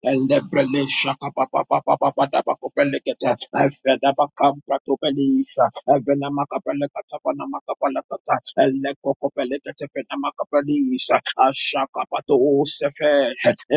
Elebrele shaka pa pa pa pa pa pa da ba kopele kete. Efe da ba kampra topele isha. Eve na makapele kata pa na makapele kata. Ele kokopele kete pe na makapele isha. Ashaka pa to osefe.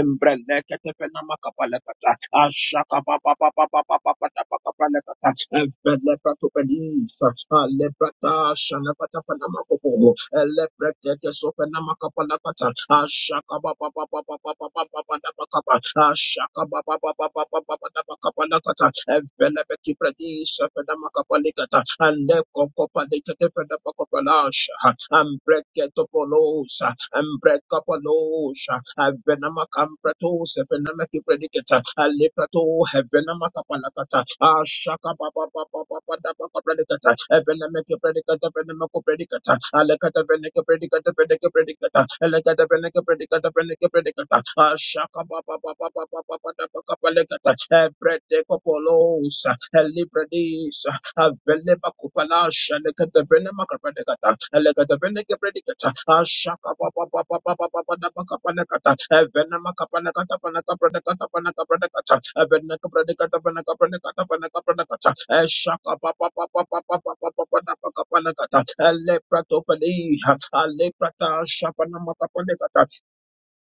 Embrele kete pe na makapele kata. Ashaka pa pa pa pa pa pa pa pa da ba kopele kata. Efe le Lebrata Shanapata Panamakopo, Lebrata Sopanamakapalakata, Ashaka Baba Baba Baba Baba Baba Ashaka Baba Baba Baba Baba Kapalakata, Velebeki Pradis, Panamakapalikata, and Lepko Palikate Panamakapalasha, and Breketopolos, and break up a lotion. Venama campratos, Venamaki predicata, Aleprato, Venamaka palacata, Ashaka Baba Baba Baba Dabaka predicata, Venamaki predicata, Venamako predicata, Alecata Veneca predicata, Veneca predicata, Alecata Veneca predicata, Veneca predicata, Ashaka Baba Baba Baba Baba Dabaka palecata, Predecopolos, Elibradis, Veleba Kupala Shaleka the Venema Kapalekata, Elega the Veneke Predicata, Ashaka Papa Papa Papa Papa Napaka Panakata, Venema Kapalakata Panaka Predicata Panaka Predicata, Venaka Predicata Panaka Predicata Panaka Predicata, Ashaka Papa Papa Papa Papa Papa Napaka Panakata, Elepratopali, Aleprata Shapanamaka Panacata.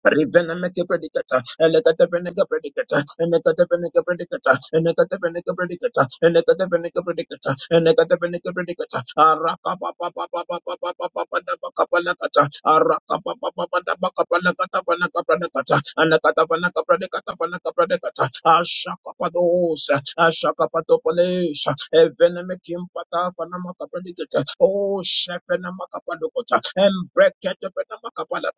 Rivenemeke predicata, Elecatevenega predicata, Enecatevenega predicata, Enecatevenega predicata, Enecatevenega predicata, Enecatevenega predicata, Araka papa papa papa papa papa capalacata, Araka papa papa papa palacata panaca predicata, Anacata panaca predicata panaca predicata, Ashaka padosa, Ashaka patopolesha, Evenemekim pata panamaca predicata, Oh, Shepherd Namaca paducota, Embrecate Ale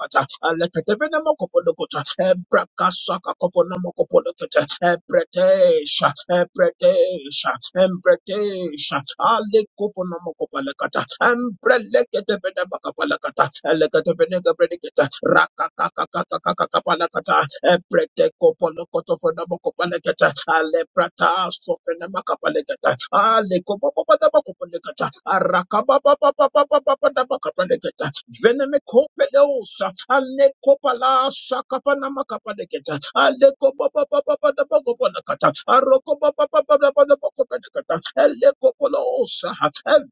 kufunomakupalekata, emprakasa kufunomakupalekete, empretisha, empretisha, empretisha. Ale kufunomakupalekata, empretle kufunemakapalekata, ale kufunemakupalekete, rakata kaka kaka kaka kaka palekata, empret kufunokoto funabukupalekete, ale prata sofunemakapalekete, ale kufunabukupalekete, rakababababababababukapalekete veneme kopeleosa ale kopala sakapa nama kapa deketa ale kopa pa pa pa pa da pa kopa da kata aroko pa pa pa pa da pa da pa kopa da kata ale kopolosa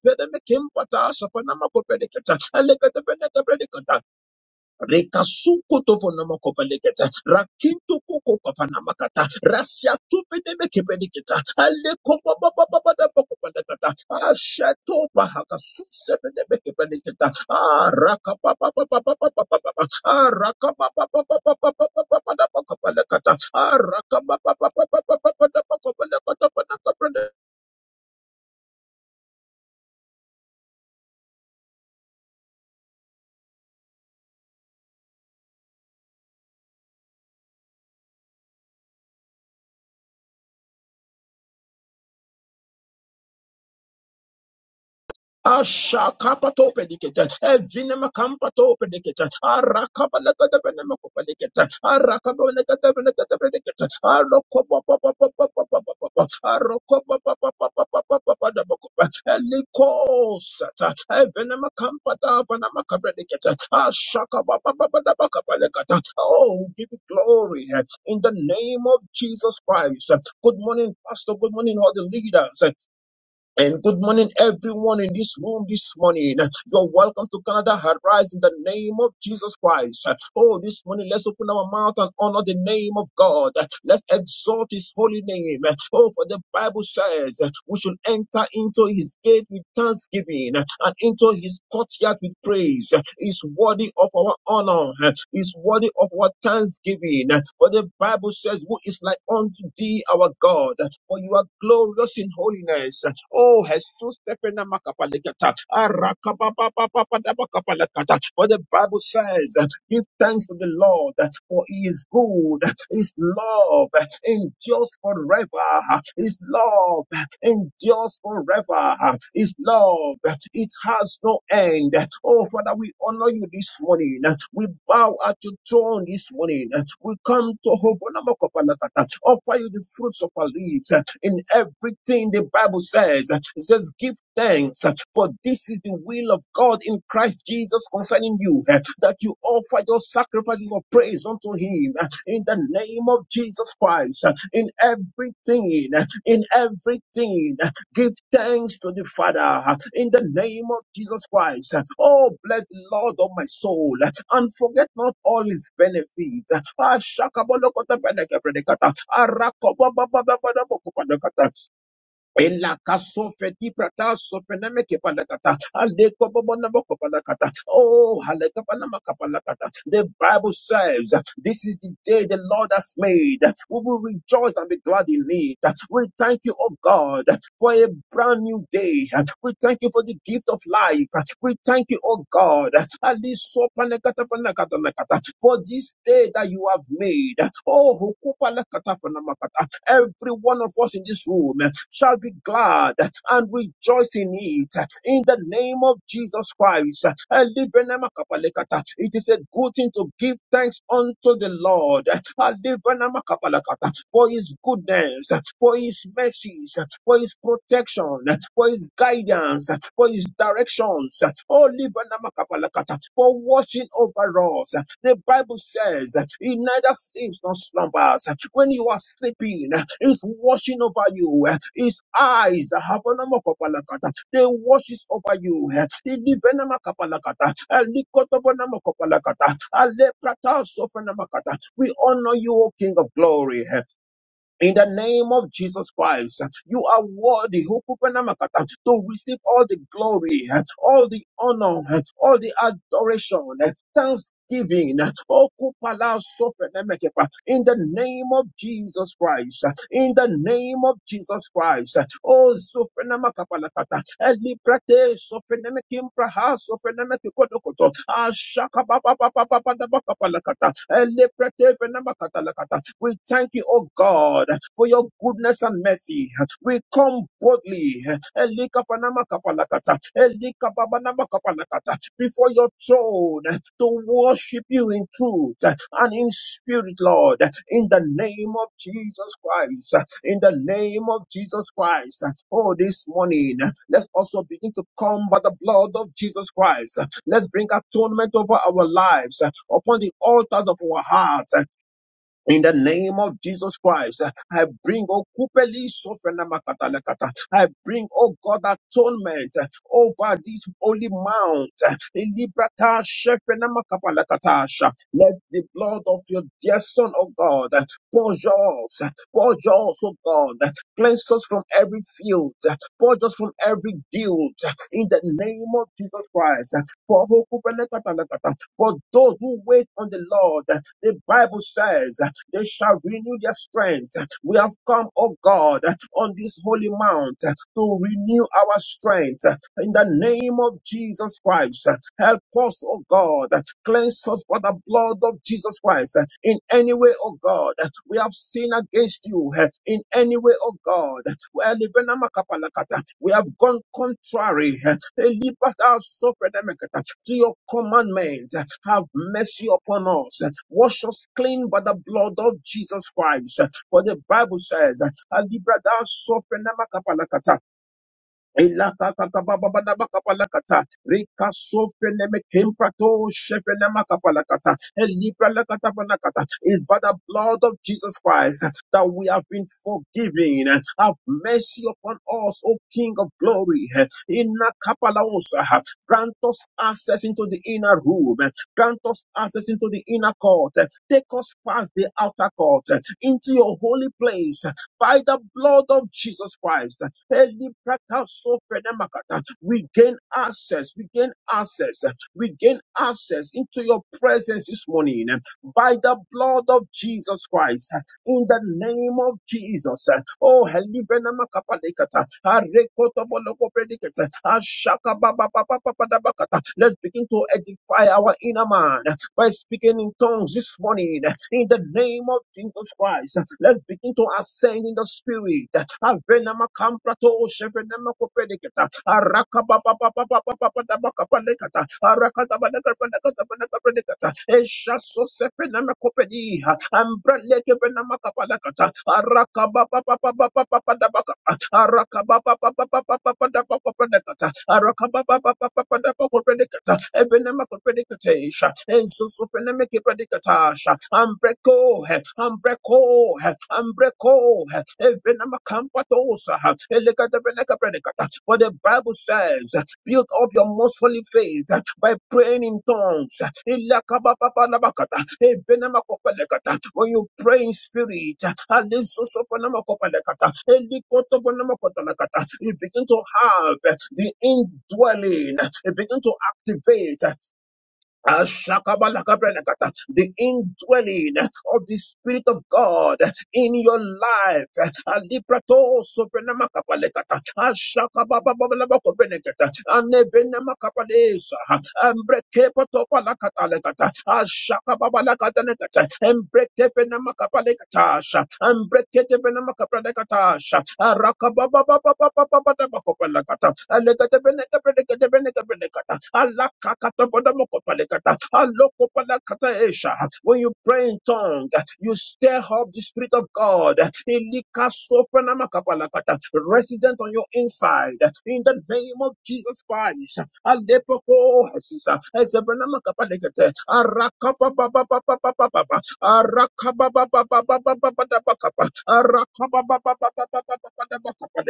veneme kimpa sapa nama kopa deketa ale kata pene kapa Rekasuko tovona makobaleketa, rakinto koko pavana makata, rasia tupene mekebeniketa, ale kopa baba baba da makobaleketa, ashato bahaka suse mene mekebeniketa, araka baba baba baba baba baba, araka baba baba baba baba baba da makobaleketa, araka baba baba baba baba da makobaleketa, Asha Ashakapato pedicata, Evinema campato pedicata, Arakabalagata Benemaco pedicata, Arakabalagata Benegata pedicata, Arocopa, Arocopa, Dabacopa, Elicosata, Evinema campata, Panamaca pedicata, Ashakabababababacapalacata. Oh, give you glory in the name of Jesus Christ. Good morning, Pastor. Good morning, all the leaders. And good morning, everyone in this room this morning. You're welcome to Canada Arise in the name of Jesus Christ. Oh, this morning, let's open our mouth and honor the name of God. Let's exalt his holy name. Oh, for the Bible says we should enter into his gate with thanksgiving and into his courtyard with praise is worthy of our honor, is worthy of our thanksgiving. For the Bible says, Who is like unto thee, our God? For you are glorious in holiness. Oh, Jesus, Stephen, Amakapalekata, Arakapapapapapadamakapalekata. for the Bible says, Give thanks to the Lord, for he is good, his love endures forever, his love endures forever. His love, it has no end. Oh, Father, we honor you this morning. We bow at your throne this morning. We come to offer you the fruits of our lips. In everything the Bible says, it says, give thanks, for this is the will of God in Christ Jesus concerning you, that you offer your sacrifices of praise unto him. In the name of Jesus Christ, in everything. In everything, give thanks to the Father in the name of Jesus Christ. Oh, bless the Lord of my soul and forget not all his benefits. Ah, shakabalokota benekebredekata. Ah, rakobabababababokobadekata. Ela kaso fedi prata so pename ke palakata. Ale ko bobo na boko palakata. Oh, hale ka panama ka palakata. The Bible says, this is the day the Lord has made. We will rejoice and be glad in it. We thank you, oh God for a brand new day. We thank you for the gift of life. We thank you, oh God, so for this day that you have made. Oh, every one of us in this room shall be glad and rejoice in it. In the name of Jesus Christ, it is a good thing to give thanks praise unto the Lord. Alibanamakabalakata. For his goodness, for his mercies, for his protection, for his guidance, for his directions. Oh, Libanamakabalakata. For watching over us. The Bible says he neither sleeps nor slumbers. When you are sleeping, he's watching over you. His eyes they washes over you. Ilibenama kapalakata. Alikotobanama kapalakata. Aleprata sofenamakata. We honor you, O King of Glory. In the name of Jesus Christ, you are worthy who put my to receive all the glory, all the honor, all the adoration, thanksgiving. Oh, kupala sope nemekepa. In the name of Jesus Christ, in the name of Jesus Christ, oh, Sophenamakapalakata, Elibrate, Sophenamakim Praha, Sophenamakodokoto, Ashakabababababababakapalakata, Elibrate, Venamakatalakata, we thank you, oh God, for your goodness and mercy. We come boldly Elikapanamakapanakata, Elikababanamakapanakata, before your throne to worship you in truth and in spirit, Lord, in the name of Jesus Christ. In the name of Jesus Christ. Oh, this morning, let's also begin to come by the blood of Jesus Christ. Let's bring atonement over our lives upon the altars of our hearts. In the name of Jesus Christ, I bring, oh, Kupeli Sofrena Makatalakata. I bring, oh God, atonement over this holy mount. In Librata Shefrena Makapalakatasha. Let the blood of your dear Son, oh God, purge us, purge us, oh God, cleanse us from every field, purge us from every guilt. In the name of Jesus Christ, for oh, Kupele Katalakata. For those who wait on the Lord, the Bible says. They shall renew their strength. We have come, oh God, on this holy mount to renew our strength. In the name of Jesus Christ, help us, oh God. Cleanse us by the blood of Jesus Christ. In any way, oh God, we have sinned against you. In any way, oh God, well, Libena Makapalakata, we have gone contrary. Elibat our suffered to your commandments. Have mercy upon us. Wash us clean by the blood of Jesus Christ. For the Bible says, "Alibra da sofre kapalakata." Elakakakababababakapalakata. Rikasofenemekemprato-shefenemakapalakata. It's by the blood of Jesus Christ that we have been forgiven. Have mercy upon us, O King of glory. Inakapalaosa. Grant us access into the inner room. Grant us access into the inner court. Take us past the outer court into your holy place by the blood of Jesus Christ. Elibrakasoprenemakata. We gain access. We gain access. We gain access into your presence this morning by the blood of Jesus Christ. In the name of Jesus. Oh, Helibrenamakapalekata. Arekotobolokoprenikata. Ashakabababababapadabakata. let's begin to edify our inner man by speaking in tongues this morning in the name of Jesus Christ. Let's begin to ascend in the spirit. Avenama kamprato shevenama kopedeketa. Araka ba ba ba ba ba ba Araka da ba da ka ba da so sevenama kopedi. Ambreleke venama kapa lekata for the Bible says, Build up your most holy faith uh, by praying in tongues. Ilakabababalabakata, ebenamakopalekata. When you pray in spirit, uh, alisosopanamokopalekata, elikotopanamakotalakata, you begin to have uh, the indwelling, you begin to activate. uh, Ashakabalakabrenakata, The indwelling of the Spirit of God in your life. Aliprato soprenamakabalekata, ashakabababababakobrenekata, anebenamakapalesa, embrekepatopalakatalekata, ashakababalakatanekata, embrekepenamakabalekatasha, embreketepenamakabalekatasha, arakababababababababakopalakata, when you pray in tongue, you stir up the spirit of God. Resident on your inside. In the name of Jesus Christ. Alepoko Jesus. Ezebenama kapalekete. Arakapapapapapapapa. Arakaba bababababababababababakapa. Arakaba bababababababababababakapa.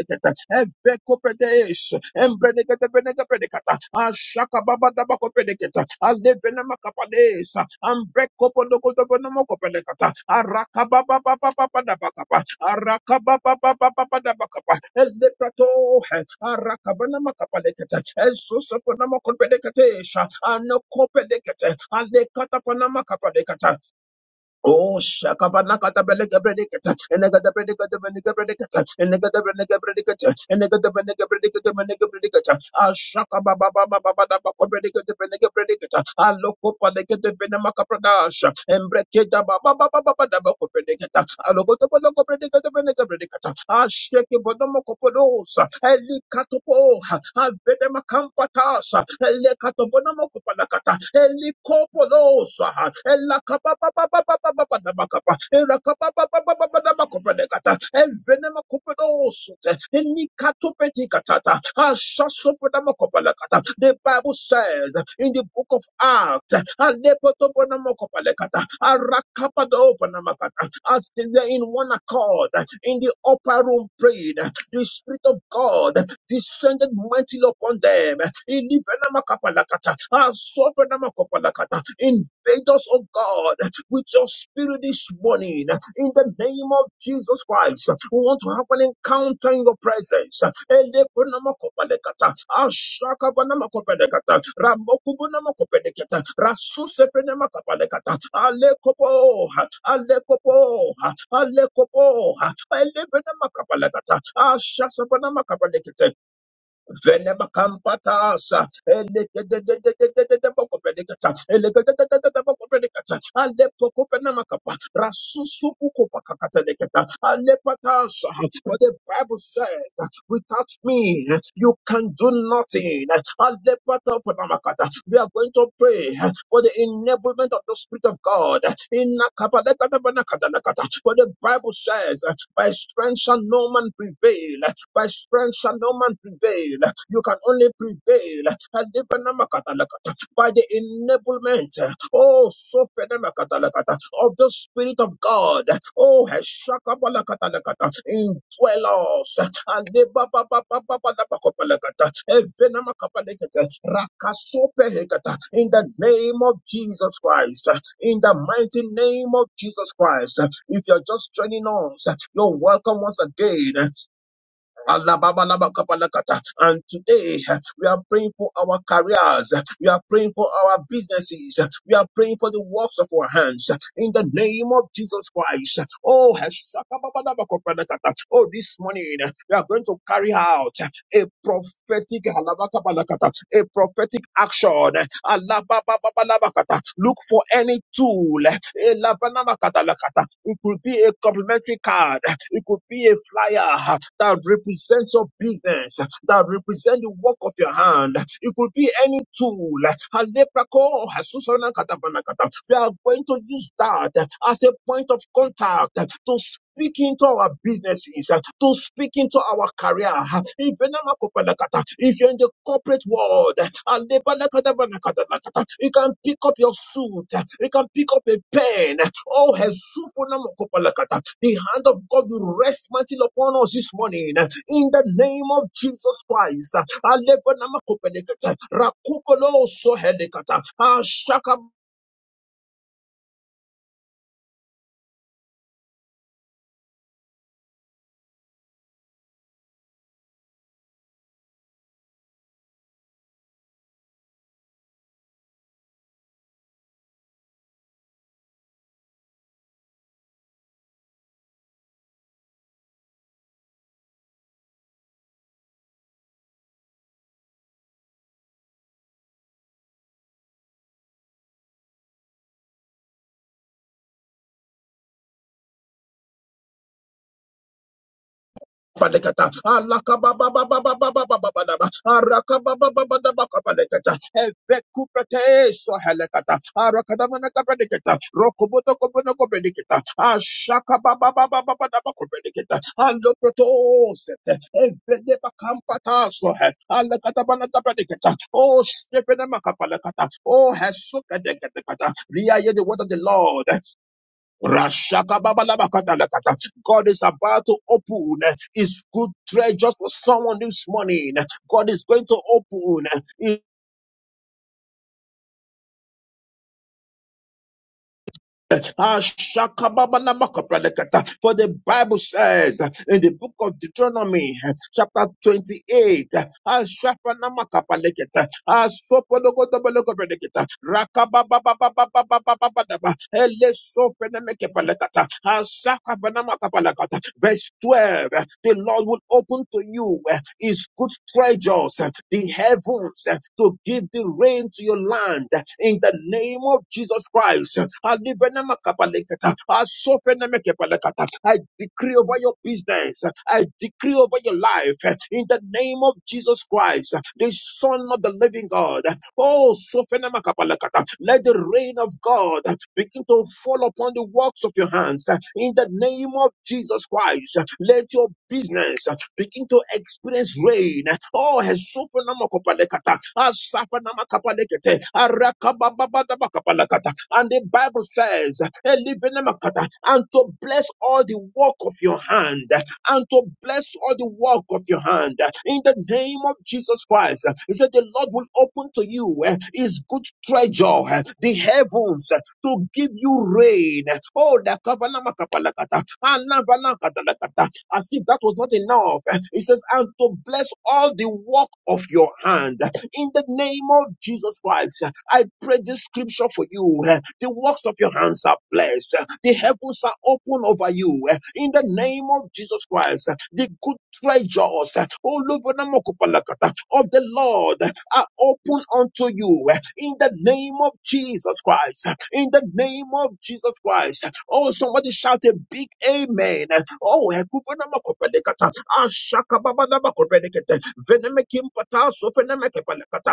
Ebeko predeisha, mbeneke te mbeneke predekata. Ashaka babababakopedeke. Aldevenema kapadeesa. Mbeko pondo kudogo noma kopedeke. Arakaba babababababababababakapa. Arakaba babababababababababakapa. Alipratoh. Arakaba noma kapadeke. Jesus ponda noma kopedeke teisha. Ano kopedeke. Aldekata ponda noma kapadeke. Oh, Shakabanakata Belegabredicata, and I got the predicata Belegabredicata, and I got the Benegabredicata, and I got the Benegabredicata Benegabredicata, Ah Shakababa Babaco Predicata Benegabredicata, Ah Locopa Legate Benamaca Pradasha, and Breketa Baba Baba Dabaco Predicata, Alogotoboloco Predicata Benegabredicata, Ah Shaki Bodomocopodosa, Eli Catopo, Ah Elekatasa, Elekatobonomokopalakata, Elikopolosa, Elakababababababababababakapa, Erakababababababababakopalekata, Evenemakopolosa, Enikatopetikatata, Ashasoponomokopalakata. The Bible says in the book of Acts, Alepotobonomokopalekata, Arakapadobonomakata, as they were in one accord in the upper room prayed, the Spirit of God descended mightily upon them. Ilibenamakapalakata, asobenamakapalakata. Invade us, oh God, with your spirit this morning. In the name of Jesus Christ, we want to have an encounter in your presence. Elebenamakapalakata, ashakabenamakapalakata, ramokubenamakapalakata, rasusebenamakapalakata, alekopo, alekopo, alekopo, elebenamakapalakata, ashasabanamakapalakata. Venemakampatasa, elekedededededededebokopedekata, elekedededededebokopedekata, alepokopenamakapa, rasusuukopakakatadekata, alepatasa. For the Bible said, without me, you can do nothing. Alepataponamakata. We are going to pray for the enablement of the Spirit of God. Inakapalekatabanakadalakata. For the Bible says, by strength shall no man prevail. By strength shall no man prevail. You can only prevail. Alibanamakatalakata, By the enablement, oh, so fenamakatalakata, of the Spirit of God. Oh, heshakabalakatalakata, indwell us. Alibababababababakopalakata, evenamakapalakata, rakasopehekata, In the name of Jesus Christ, in the mighty name of Jesus Christ, if you're just joining us, you're welcome once again. Alababalabakapalakata. And today we are praying for our careers, we are praying for our businesses, we are praying for the works of our hands in the name of Jesus Christ. Oh, heshakababalabakapalakata. oh this morning we are going to carry out a prophetic halabakabalakata, a prophetic action. Alabababalabakata. Look for any tool Eh, It could be a complimentary card. It could be a flyer that represents your business, that represents the work of your hand. It could be any tool. We are going to use that as a point of contact to speak into our businesses, uh, to speak into our career. uh, If you're not Makopanakata, if you're in the corporate world, uh, Alebanakadabanakadakata, you can pick up your suit, uh, you can pick up a pen. Oh, Hesuponamakopalakata, the hand of God will rest mighty upon us this morning. uh, In the name of Jesus Christ, Alebanamakopanakata, Rakupolo Sohedekata, Rashakababalabakadalakata. God is about to open his good treasure for someone this morning. God is going to open. his- Ashakababalabakadalakata. For the Bible says in the book of Deuteronomy, chapter 28, Ashakababalabakadalakata, Verse 12. The Lord will open to you eh, his good treasures, eh, the heavens, eh, to give the rain to your land eh, in the name of Jesus Christ. Alibenamakapalekata. Masofenemekepelekata. I decree over your business. I decree over your life in the name of Jesus Christ, the Son of the Living God. Oh, Sofenemakapalakata. let the rain of God begin to fall upon the works of your hands in the name of Jesus Christ. Let your business begin to experience rain Oh, hesupu nama kopalekata. Asapa nama kapalekete. And the Bible says, Elibenemakata, and to bless all the work of your hand, and to bless all the work of your hand. In the name of Jesus Christ, He said, The Lord will open to you eh, His good treasure, eh, the heavens, eh, to give you rain. Oh, the Kabana Makapalakata, Anabana Katalakata, as if that was not enough. He says, and to bless all the work of your hand. In the name of Jesus Christ, I pray this scripture for you. The works of your hands are blessed. The heavens are open over you. In the name of Jesus Christ, the good treasures oh, of the Lord are open unto you in the name of Jesus Christ. In the name of Jesus Christ. Oh, somebody shout a big amen. Oh, Ashaka Baba Venemekimpa Sofenemekepalekata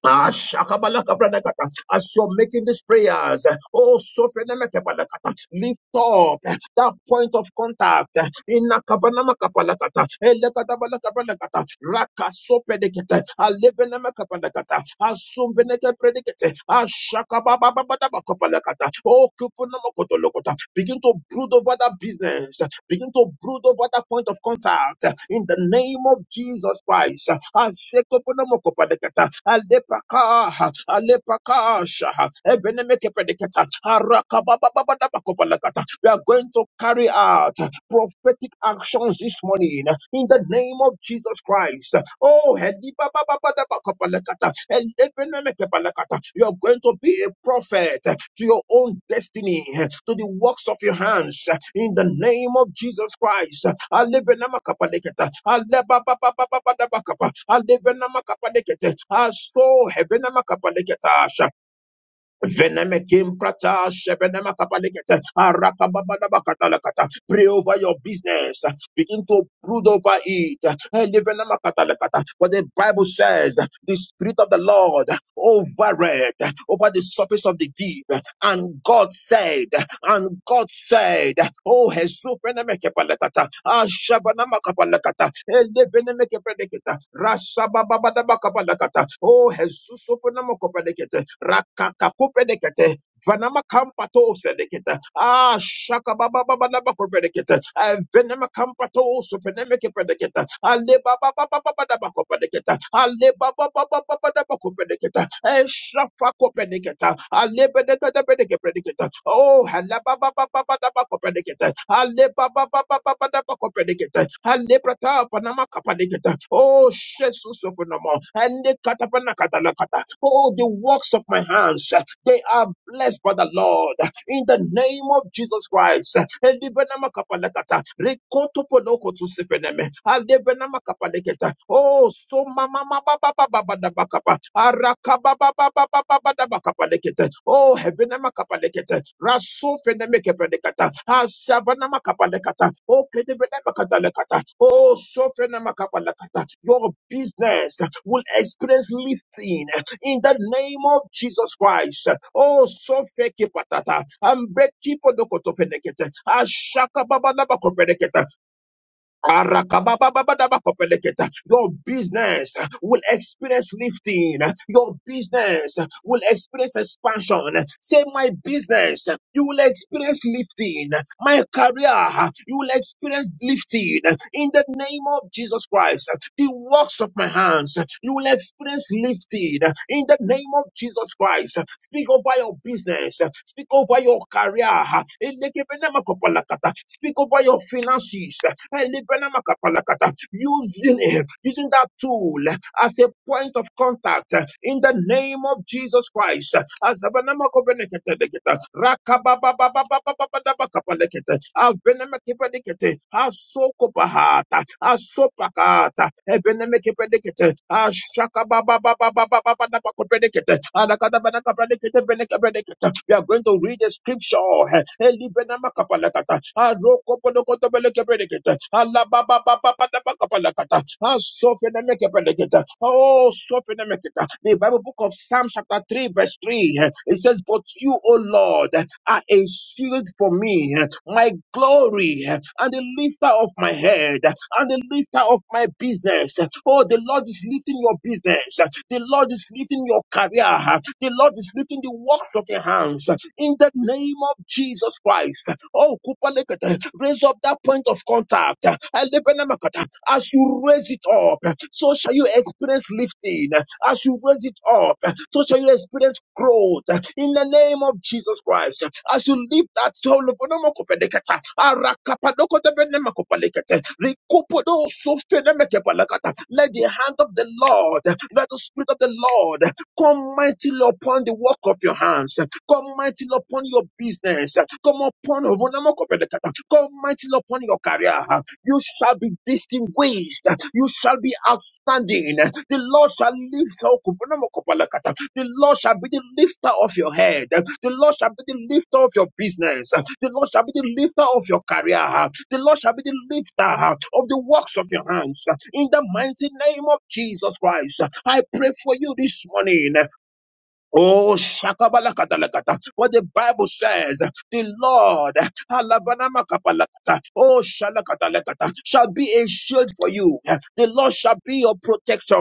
Ah, shakabalakabalakata. As you're making these prayers, oh, sofenemekebalakata, lift up that point of contact. Inakabanamakabalakata, elekatabalakabalakata, rakasopedekete, alebenemekabalakata, asumbenekepredekete, ashakabababababakabalakata, oh, kupunamakotolokota. Begin to brood over that business. Begin to brood over that point of contact uh, in the name of Jesus Christ. Ashekoponomokopedekata, alepaka, alepakasha, ebenemekepedekata, arakabababababakopalakata. We are going to carry out prophetic actions this morning in the name of Jesus Christ. Oh, hedi ba ba ba ba da ba ka ba la ka ta, elebe na me ke ba la ka ta. you are going to be a prophet to your own destiny, to the works of your hands in the name of Jesus Christ. Alebe na ma ka ba la ka ta, ale ba ba ba ba ba ba da ba ka ba, alebe na ma ka ba la ka ta, aso hebe na ma ka ba la ka ta. Veneme kim prata, shebeneme kapalikete, arakababana makatalakata. Pray over your business. Begin to brood over it. Eleveneme katalakata. For the Bible says the Spirit of the Lord over it, over the surface of the deep. And God said, and God said, Oh, Hesupenemekepalekata, Ashabanamakapalekata, Elebenemekepalekata, Rashabababadabakapalekata, Oh, Jesus, Vanama kampato sedeketa. Ah, shaka baba baba naba kopedeketa. Ah, venema kampato sufeneme kepedeketa. Ale baba baba baba naba kopedeketa. Ale baba baba baba naba kopedeketa. Eh, shafa kopedeketa. Ale bedeketa bedeke prediketa. Oh, hala baba baba baba naba kopedeketa. Ale baba baba baba naba kopedeketa. Ale prata vanama kapedeketa. Oh, Jesus of And the katapana katalakata. Oh, the works of my hands. They are blessed by the Lord in the name of Jesus Christ. Elibenama kapalekata, rekotopolokotu sifeneme, alebenama kapaleketa. Oh, so mama mama baba baba daba kapa, arakaba baba baba baba daba kapalekete. Oh, heavenama kapalekete, raso feneme kepelekata, asavanama kapalekata. Oh, kedebenama katalekata. Oh, so fenema kapalekata. Your business will experience lifting in the name of Jesus Christ. Oh, so feki patata. Ambreki podoko to penekete. Ashaka baba naba ko penekete. Arakababababadabakopeleketa. Your business will experience lifting. Your business will experience expansion. Say, my business, you will experience lifting. My career, you will experience lifting. In the name of Jesus Christ, the works of my hands, you will experience lifting. In the name of Jesus Christ, speak over over your business. Speak over your career. Speak over your finances. Using it, using that tool as a point of contact in the name of Jesus Christ. As are a shield for me, my glory, and the lifter of my head, and the lifter of my business. Oh, the Lord is lifting your business. The Lord is lifting your career. The Lord is lifting the works of your hands. In the name of Jesus Christ. Oh, Kupalekete, raise up that point of contact. Elebenemakata, As you raise it up, so shall you experience lifting. As you raise it up, so shall you experience growth in the name of Jesus Christ. As you leave that stone, let the hand of the Lord, let the spirit of the Lord come mightily upon the work of your hands, come mightily upon your business, come upon come mightily upon your career. You shall be distinguished, you shall be outstanding. The Lord shall lift you up the Lord shall be the lifter of your head. The Lord shall be the lifter of your business. The Lord shall be the lifter of your career. The Lord shall be the lifter of the works of your hands. In the mighty name of Jesus Christ, I pray for you this morning. Oh, shakabalakadalakata. What the Bible says, the Lord, alabanamakabalakata, oh, shalakatalakata, shall be a shield for you. The Lord shall be your protection.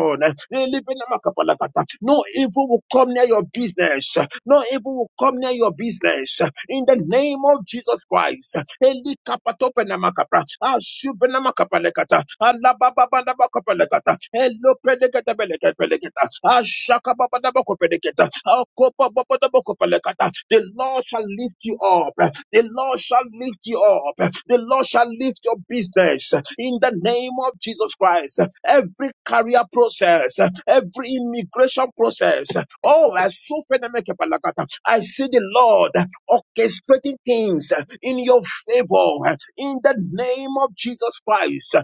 Elibinamakapalakata. No evil will come near your business. No evil will come near your business in the name of Jesus Christ. Eli kapatope na makapa, ashube na makapa lekata, alababa na makapa lekata, elo pelekata pelekata pelekata, ashaka baba na makapa pelekata, akopa baba na makapa lekata. The Lord shall lift you up. The Lord shall lift you up. The Lord shall lift your business in the name of Jesus Christ. Every career process, every immigration process. Oh, I so I see the Lord orchestrating things uh, in your favor uh, in the name of Jesus Christ.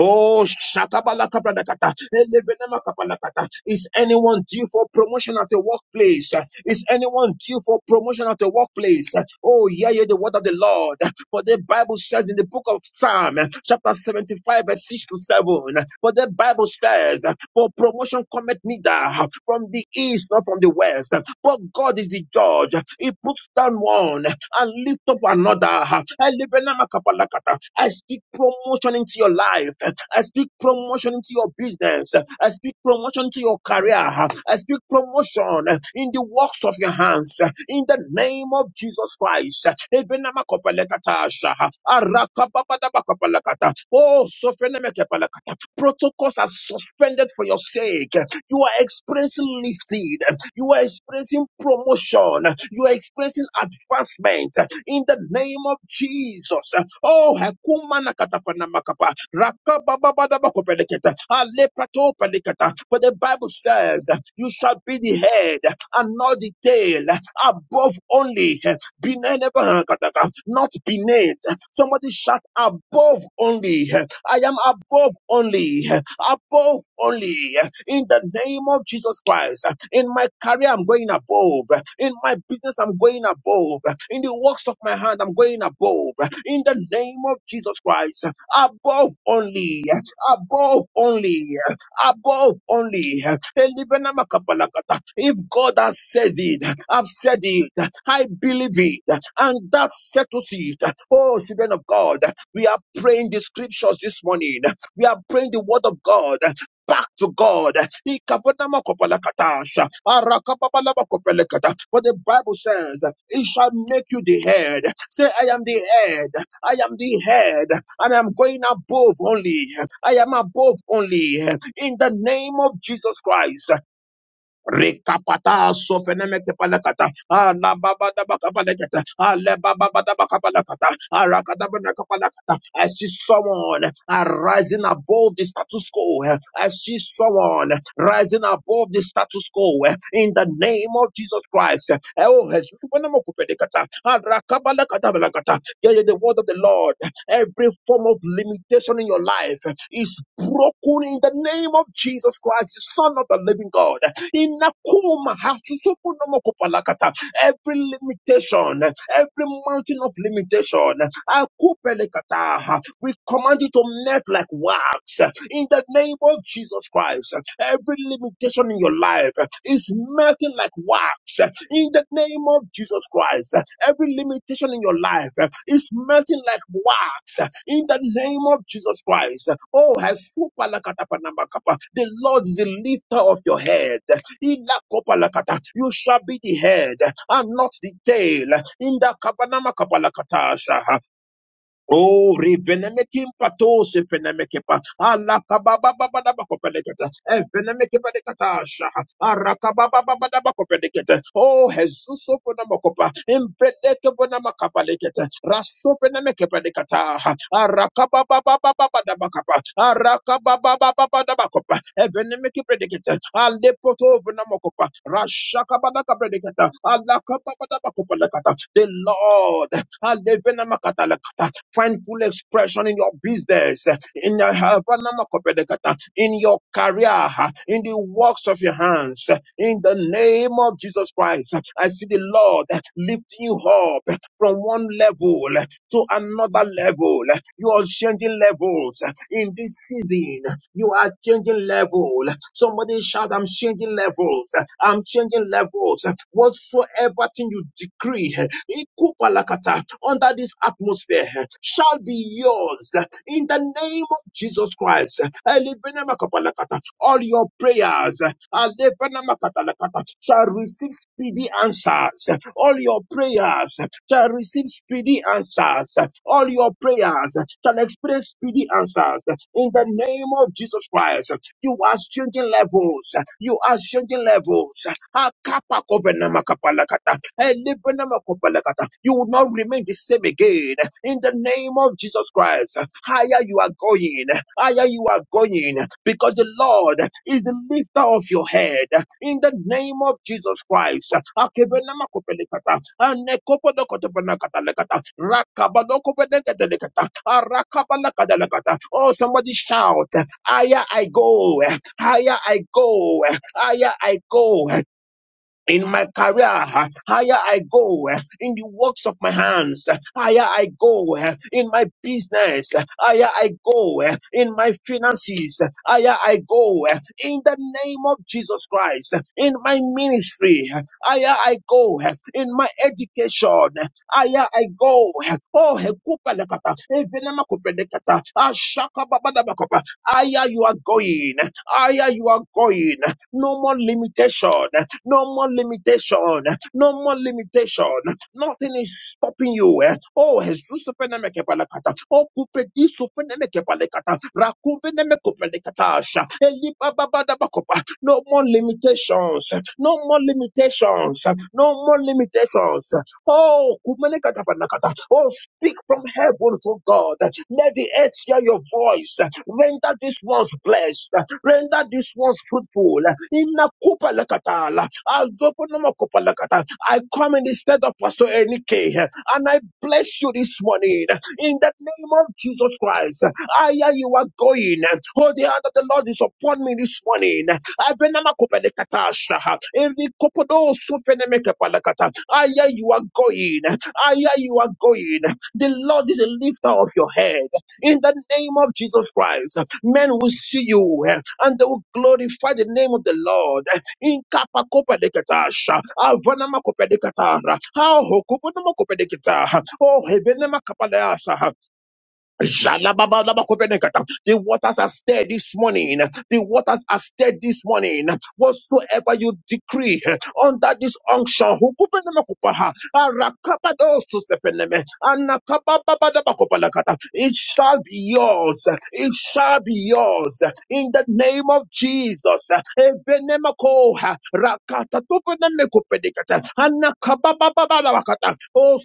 Oh, shakabalakabradakata, elebenemakapalakata. is anyone due for promotion at the workplace? Is anyone due for promotion at the workplace? Oh, yeah, yeah, the word of the Lord. For the Bible says in the book of Psalm, eh, chapter 75, verse 6 to 7, eh, for the Bible says, eh, for promotion cometh neither eh, from the east nor from the west, eh, but God is the judge. eh, He puts down one eh, and lifts up another. eh, I speak promotion into your life. eh, I speak promotion into your business. eh, I speak promotion to your career. eh, I speak promotion eh, in the works of your hands. eh, In the the name of Jesus Christ. Ebenamakopelekatasha. Arakapapadabakalakata. Oh, sofenemekepalakata. protocols are suspended for your sake. You are experiencing lifted. You are experiencing promotion. You are experiencing advancement in the name of Jesus. Oh, hekumana katapana makapa. Rakabababadabakopeleketa. Aleprato peleketa. for the Bible says, You shall be the head and not the tail, above only, not beneath. Somebody shout above only. I am above only, above only. In the name of Jesus Christ, in my career, I'm going above. In my business, I'm going above. In the works of my hand, I'm going above. In the name of Jesus Christ, above only, above only above only. If God has said it, I've said it, I believe it, and that settles it. Oh, children of God, we are praying the scriptures this morning. We are praying the word of God back to God. Ikabonamakopalakatasha, arakapapalabakopelekata. For the Bible says, It shall make you the head. Say, I am the head. I am the head and I'm going above only. I am above only in the name of Jesus Christ. Rikapata sopenemeke palakata. Ala baba da baka Ala baba da baka Arakada banaka palakata. I see someone uh, rising above the status quo. I see someone rising above the status quo uh, in the name of Jesus Christ. Eh, Oh, Jesus. Supenemoko pedekata. Arakabalakata balakata. Yeah, yeah, the word of the Lord. Every form of limitation in your life is broken in the name of Jesus Christ, the Son of the Living God. Inakuma, hasusupu nomo kopalakata. Every limitation, every mountain of limitation, akupelekata. we command you to melt like wax in the name of Jesus Christ. Every limitation in your life is melting like wax in the name of Jesus Christ. Every limitation in your life is melting like wax in the name of Jesus Christ. Oh, has the Lord is the lifter of your head. You shall be the head and not the tail. In the Kabanama Kapalakatasha. Oh, revenemekim patos evenemekepa. Alla kababababadaba kopedeketa. Evenemekepadekata shaha. Arakababababadaba kopedeketa. Oh, Jesus openamokopa. Impedeke bonamakabaleketa. Rasopenemekepadekata. Arakababababadaba kapa. Arakababababadaba kopa. Evenemekepredeketa. Alepoto venamokopa. Rashakabadakapredeketa. Alakababadaba kopedekata. The Lord. Alevena Find full expression in your business, in your help, in your career, in the works of your hands. In the name of Jesus Christ, I see the Lord lifting you up from one level to another level. You are changing levels in this season. You are changing level. Somebody shout, I'm changing levels. I'm changing levels. Whatsoever thing you decree, ikubalakata, under this atmosphere, shall be yours. In the name of Jesus Christ, elibenemakapalakata, all your prayers alebenemakatalakata, shall receive speedy answers. All your prayers shall receive speedy answers. All your prayers shall experience speedy answers in the name of Jesus Christ. You are changing levels. You are changing levels. Akapa kobenamakapalakata. Elebenamakopalakata. You will not remain the same again. In the name of Jesus Christ, higher you are going, higher you are going, because the Lord is the lifter of your head. In the name of Jesus Christ, akebenama Akebenamakopelekata. Anekopodokotobenakatalekata. Rakabadokobedekedelekata. Arakabalakadalekata. Oh, somebody shout. Higher I go. Higher I go. Higher I go. In my career, higher I go. eh, In the works of my hands, eh, higher I go. eh, In my business, eh, higher I go. eh, In my finances, eh, higher I go. eh, In the name of Jesus Christ, eh, in my ministry, eh, higher I go. eh, In my education, eh, higher I go. eh, Oh, hekupelekata, ashaka ashakababadabakapa. higher you are going. eh, Higher you are going. eh, No more limitation. No more limitation. No more limitation. Nothing is stopping you. eh. Oh, Jesus, supeneme kepalekata. Oh, kupedi supeneme kepalekata. Rakubeneme kupelekata asha. Elipa babada bakopa. No more limitations. No more limitations. No more limitations. Oh, kumenekata panakata. Oh, speak from heaven to God. Let the earth hear your voice. Render this ones blessed. Render this ones fruitful. Inna kupa lakatala. Azoponoma kupa lakata. I come in the stead of Pastor Enike and I bless you this morning in the name of Jesus Christ. I hear you are going. Oh, the hand of the Lord is upon me this morning. Abenama kupa lakata shaha. Every kopodo sufeneme kupa lakata. I hear you are going. I hear you are going. The Lord is a lifter of your head in the name of Jesus Christ. Men will see you eh, and they will glorify the name of the Lord. In kapa kopa de katasha, avana ma kopa de katara, ah, hokupa na ma kopa de kata, oh, hebene ma kapa de asa. The waters are stirred this morning. The waters are stirred this morning. Whatsoever you decree eh, under this unction, hukubenemakupaha, arakabadosusepeneme, anakabababadabakopalakata. it shall be yours. eh, It shall be yours. eh, In the name of Jesus. eh, Ebenemakooha, rakatatubenemekupedekata, anakabababadabakata. Oh,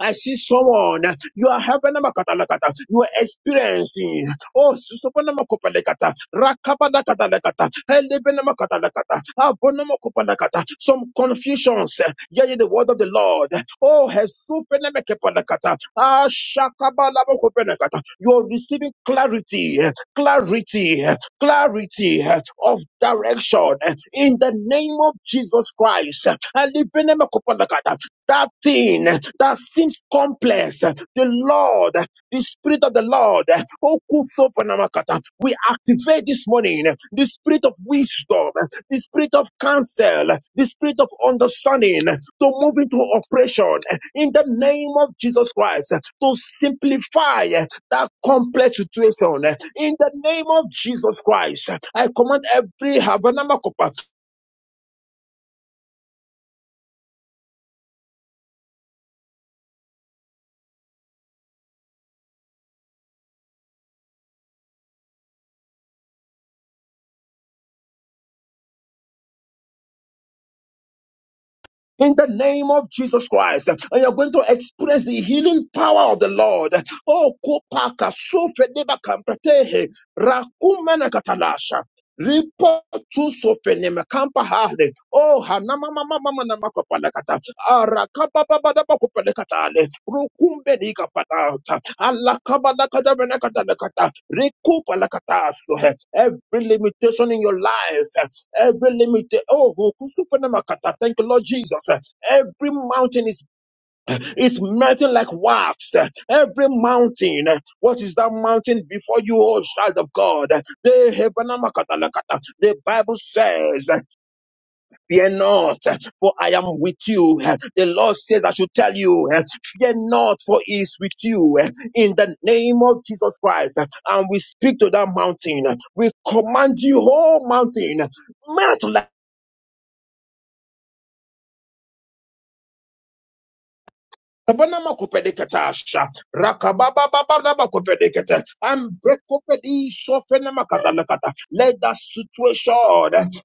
I see someone. You are helping them. Katalakata. You are experiencing. Oh, Susupanama Kopalekata. Rakabada Katalakata. Elebenama Katalakata. Abonama Kopalakata. Some confusions. Hear the word of the Lord. Oh, Hesupenama Kopalakata. Ah, Shakabalama Kopalakata. You are receiving clarity, clarity, clarity of direction in the name of Jesus Christ. Elebenama Kopalakata that thing that seems complex, the Lord, the Spirit of the Lord, Okusofonamakata, we activate this morning the Spirit of wisdom, the Spirit of counsel, the Spirit of understanding to move into operation in the name of Jesus Christ to simplify that complex situation in the name of Jesus Christ. I command every Habanama in the name of Jesus Christ. And you're going to experience the healing power of the Lord. Oh, kopaka sofredeba kampratehe rakumena Lipa tu sofene makampa hale. Oh, hanama mama mama na makapalakata. Arakaba baba na makupalakatale. Rukumbe ni kapata. Alakaba lakada benakata nakata. Rikupa lakata suhe. Every limitation in your life. eh, Every limit. Oh, hukusupe na makata. Thank you, Lord Jesus. eh. Every mountain is it's melting like wax. Every mountain, what is that mountain before you, O child of God? The Bible says, Fear not, for I am with you. The Lord says, I should tell you, fear not, for He is with you. In the name of Jesus Christ, and we speak to that mountain. We command you, O mountain, melt like Kabana makopedeketasha. Rakabababababakopedekete. Ambrekopedi sofenamakatalakata. Let that situation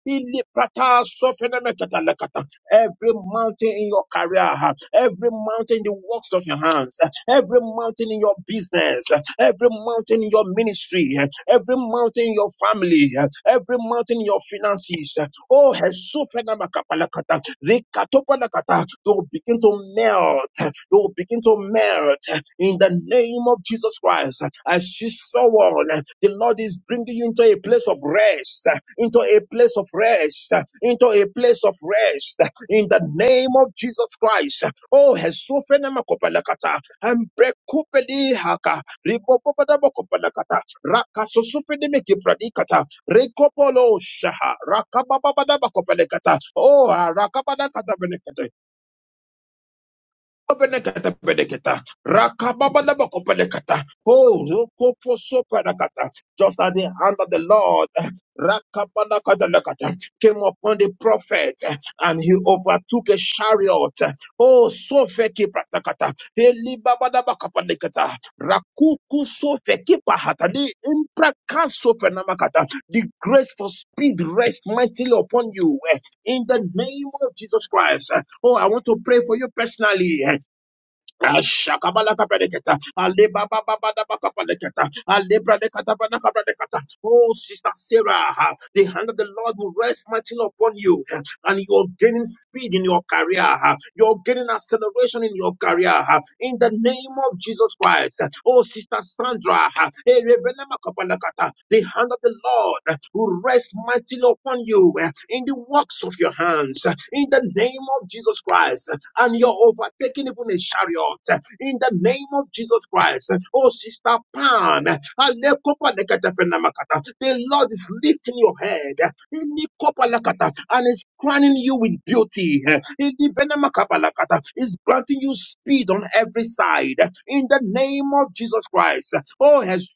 iliprata sofenamakatalakata. every mountain in your career, every mountain in the works of your hands, every mountain in your business, every mountain in your ministry, every mountain in your family, every mountain in your finances, Oh, Hesufenamakapalakata, Rikatopalakata, they will begin to melt. They will begin to melt in the name of Jesus Christ. As you saw one, the Lord is bringing you into a place of rest, into a place of rest, into a place of rest in the name of Jesus Christ. Oh, Hesufenamakopalakata, and Brekupelihaka, Ribopopadabokopalakata, Rakasosufenimekipradikata, Rekopolo shaha. Rakabababadabakopelekata. Oh, rakabadakatabelekata. Benekata benekata. Rakababadabakopelekata. Oh, rokofosoperakata. Just as the hand of the Lord rakabadakatalakata, came upon the prophet eh, and he overtook a chariot. Oh, sofeki pratakata. Elibabadabakopelekata. Rakuku sofeki pahatani. Imprakasofenamakata. The grace for speed rests mightily upon you eh, in the name of Jesus Christ. Eh, Oh, I want to pray for you personally. eh. Ashakabalakabreketa. Alebabababadabakabreketa. Alebradekatabana kabreketa. Alebaba Babadabakapaleketa, Alebradekata Banakabreketa. Oh, Sister Sarah, the hand of the Lord will rest mightily upon you and you're gaining speed in your career. ah. You're gaining acceleration in your career. ah. In the name of Jesus Christ. uh, Oh, Sister Sandra, ah, eh, Rebenema Kapalakata, the hand of the Lord uh, will rest mightily upon you eh, in the works of your hands. uh, In the name of Jesus Christ. uh, And you're overtaking even a chariot. uh, In the name of Jesus Christ. uh, Oh, Sister Pan, uh, Ale Kopalakata Fenama Makata. The Lord is lifting your head Inikopalakata, and is crowning you with beauty. Idibenemakapalakata, Is granting you speed on every side in the name of Jesus Christ. Oh, Jesus.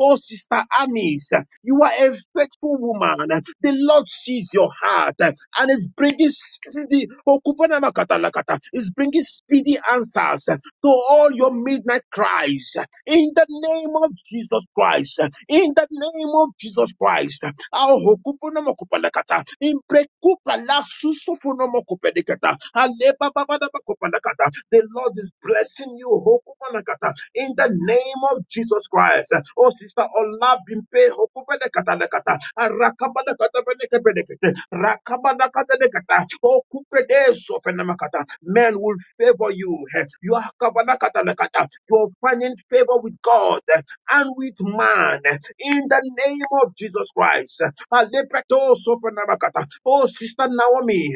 Oh, Sister Annie, you are a faithful woman. The Lord sees your heart and is bringing speedy, Okupanamakata lakata, is bringing speedy answers to all your midnight cries in the name of Jesus Christ. In the name of Jesus Christ. Ahokupunomokupalakata. Imprekupalasusufunomokupedekata. Alebababadabakupalakata. The Lord is blessing you. Hokupanakata. In the name of Jesus Christ. Oh, sister, Allah bimpe hokupanakatalakata. Arakabalakatabenekebedekete. Rakabadakatalekata. Okupedesofenamakata. Men will favor you. You are kabanakatalakata. You are finding favor with God and with man in the name of Jesus Christ. Alepreto sofranabakata. Oh, Sister Naomi,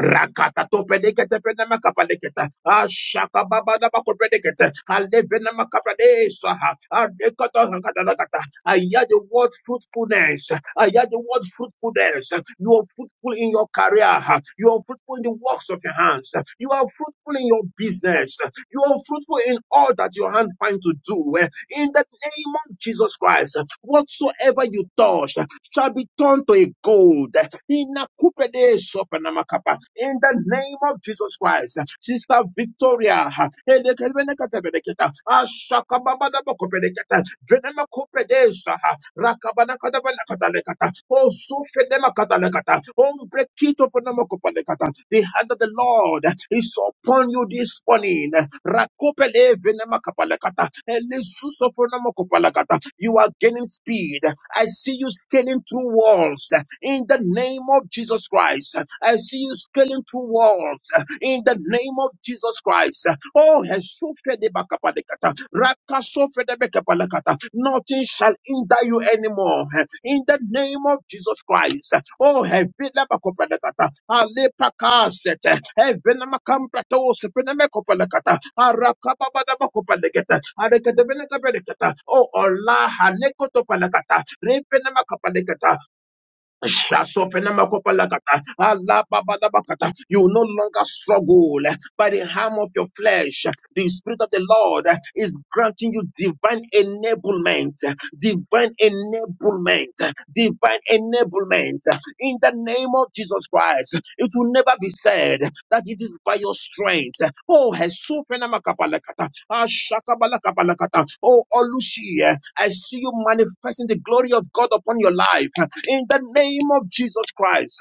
Rakata to pedekete penema kapalekete. Ashaka baba da bako pedekete. Alevena makapade saha. Adekata rakata rakata. I hear the word fruitfulness. I hear the word fruitfulness. You are fruitful in your career. You are fruitful in the works of your hands. You are fruitful in your business. You are fruitful in all that your hand finds to do. In the name of Jesus Christ, whatsoever you touch shall be turned to a gold. Inakupedesopenamakapa. In the name of Jesus Christ, Sister Victoria, Elekelebelekatebeleketa, Ashakababadabakopeleketa, Venemakopedesa, Rakabadakadabalakatalekata, Ozufedemakatalekata, the hand of the Lord is upon you this morning. Rakopele venemakapalekata. Elesuso fanamakopalekata. You are gaining speed. I see you scaling through walls in the name of Jesus Christ. I see you scaling through walls in the name of Jesus Christ. Oh, Hesufedebakapalekata, Rakasofedebekapalekata. nothing shall hinder you anymore. In the name of Jesus Christ. Oh, Hevilabakopalekata, Alepakasete, Hevinamakampatos, Venemekopalekata, Arakababadabakopalekata, Arekadebelekabelekata. Oh, Allah, Hanekotopalekata, Repenemakapalekata. Shasofenamakopalakata, alababadabakata. You will no longer struggle by the harm of your flesh. The Spirit of the Lord is granting you divine enablement, divine enablement, divine enablement. In the name of Jesus Christ, it will never be said that it is by your strength. Oh, Hesufenamakopalakata, ashakabalakopalakata. oh, Olushi, I see you manifesting the glory of God upon your life in the name of Jesus Christ.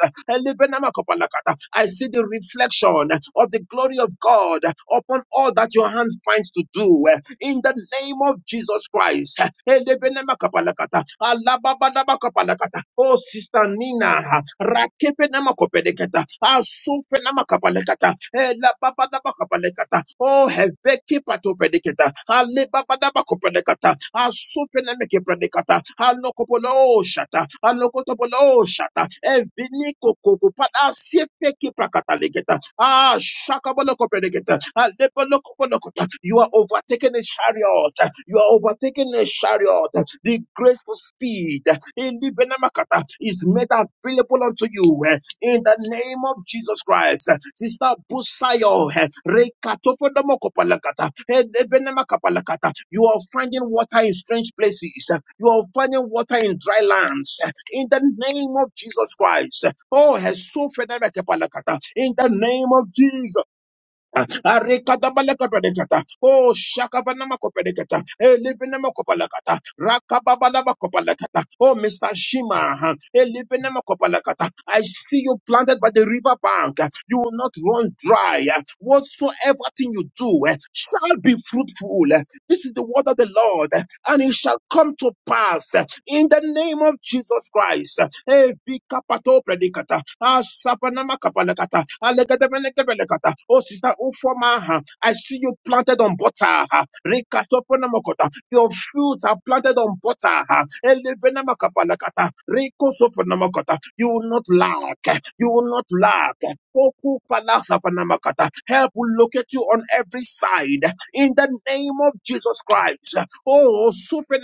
I see the reflection of the glory of God upon all that your hand finds to do in the name of Jesus Christ. Oh, Sister Nina, Rakepenamakopelekata. Asufenamakopalekata. Elababadabakopalekata. Oh, Hebekipatopelekata. Alebabadabakopelekata supenemeke predicata, anokopolo shata, anokotopolo shata, eviniko kokupada sefeki prakatalegeta, ah shakaboloko predicata, alebolokopolokota. You are overtaking a chariot, you are overtaking a chariot. The graceful speed in the Benamakata is made available unto you in the name of Jesus Christ. Sister Busayo, eh, Rekatopodamokopalakata, eh, Ebenemakapalakata. you are finding water in strange places. You are finding water in dry lands. In the name of Jesus Christ. Oh, eh, Sofenemekepalakata. in the name of Jesus. Arekadabalakabadekata. Oh, shakabanamakopadekata. Elibenamakopalakata. Rakababalamakopalakata. Oh, Mr. Shima. huh? Elibenamakopalakata. I see you planted by the river bank. You will not run dry. Whatsoever thing you do eh, shall be fruitful. This is the word of the Lord, and it shall come to pass in the name of Jesus Christ. Eh, Bikapato predicata. Ah, sapanama kapalakata. Alegadabelekebelekata. Oh, sister Ufomaha, I see you planted on butter. ah. Rikatoponamakota. Your fruits are planted on butter. ah. Elebenamakapalakata. Rikosofonamakota. You will not lack. You will not lack. Poku palasapanamakatakata. Help will locate you on every side in the name of Jesus Christ. Oh, super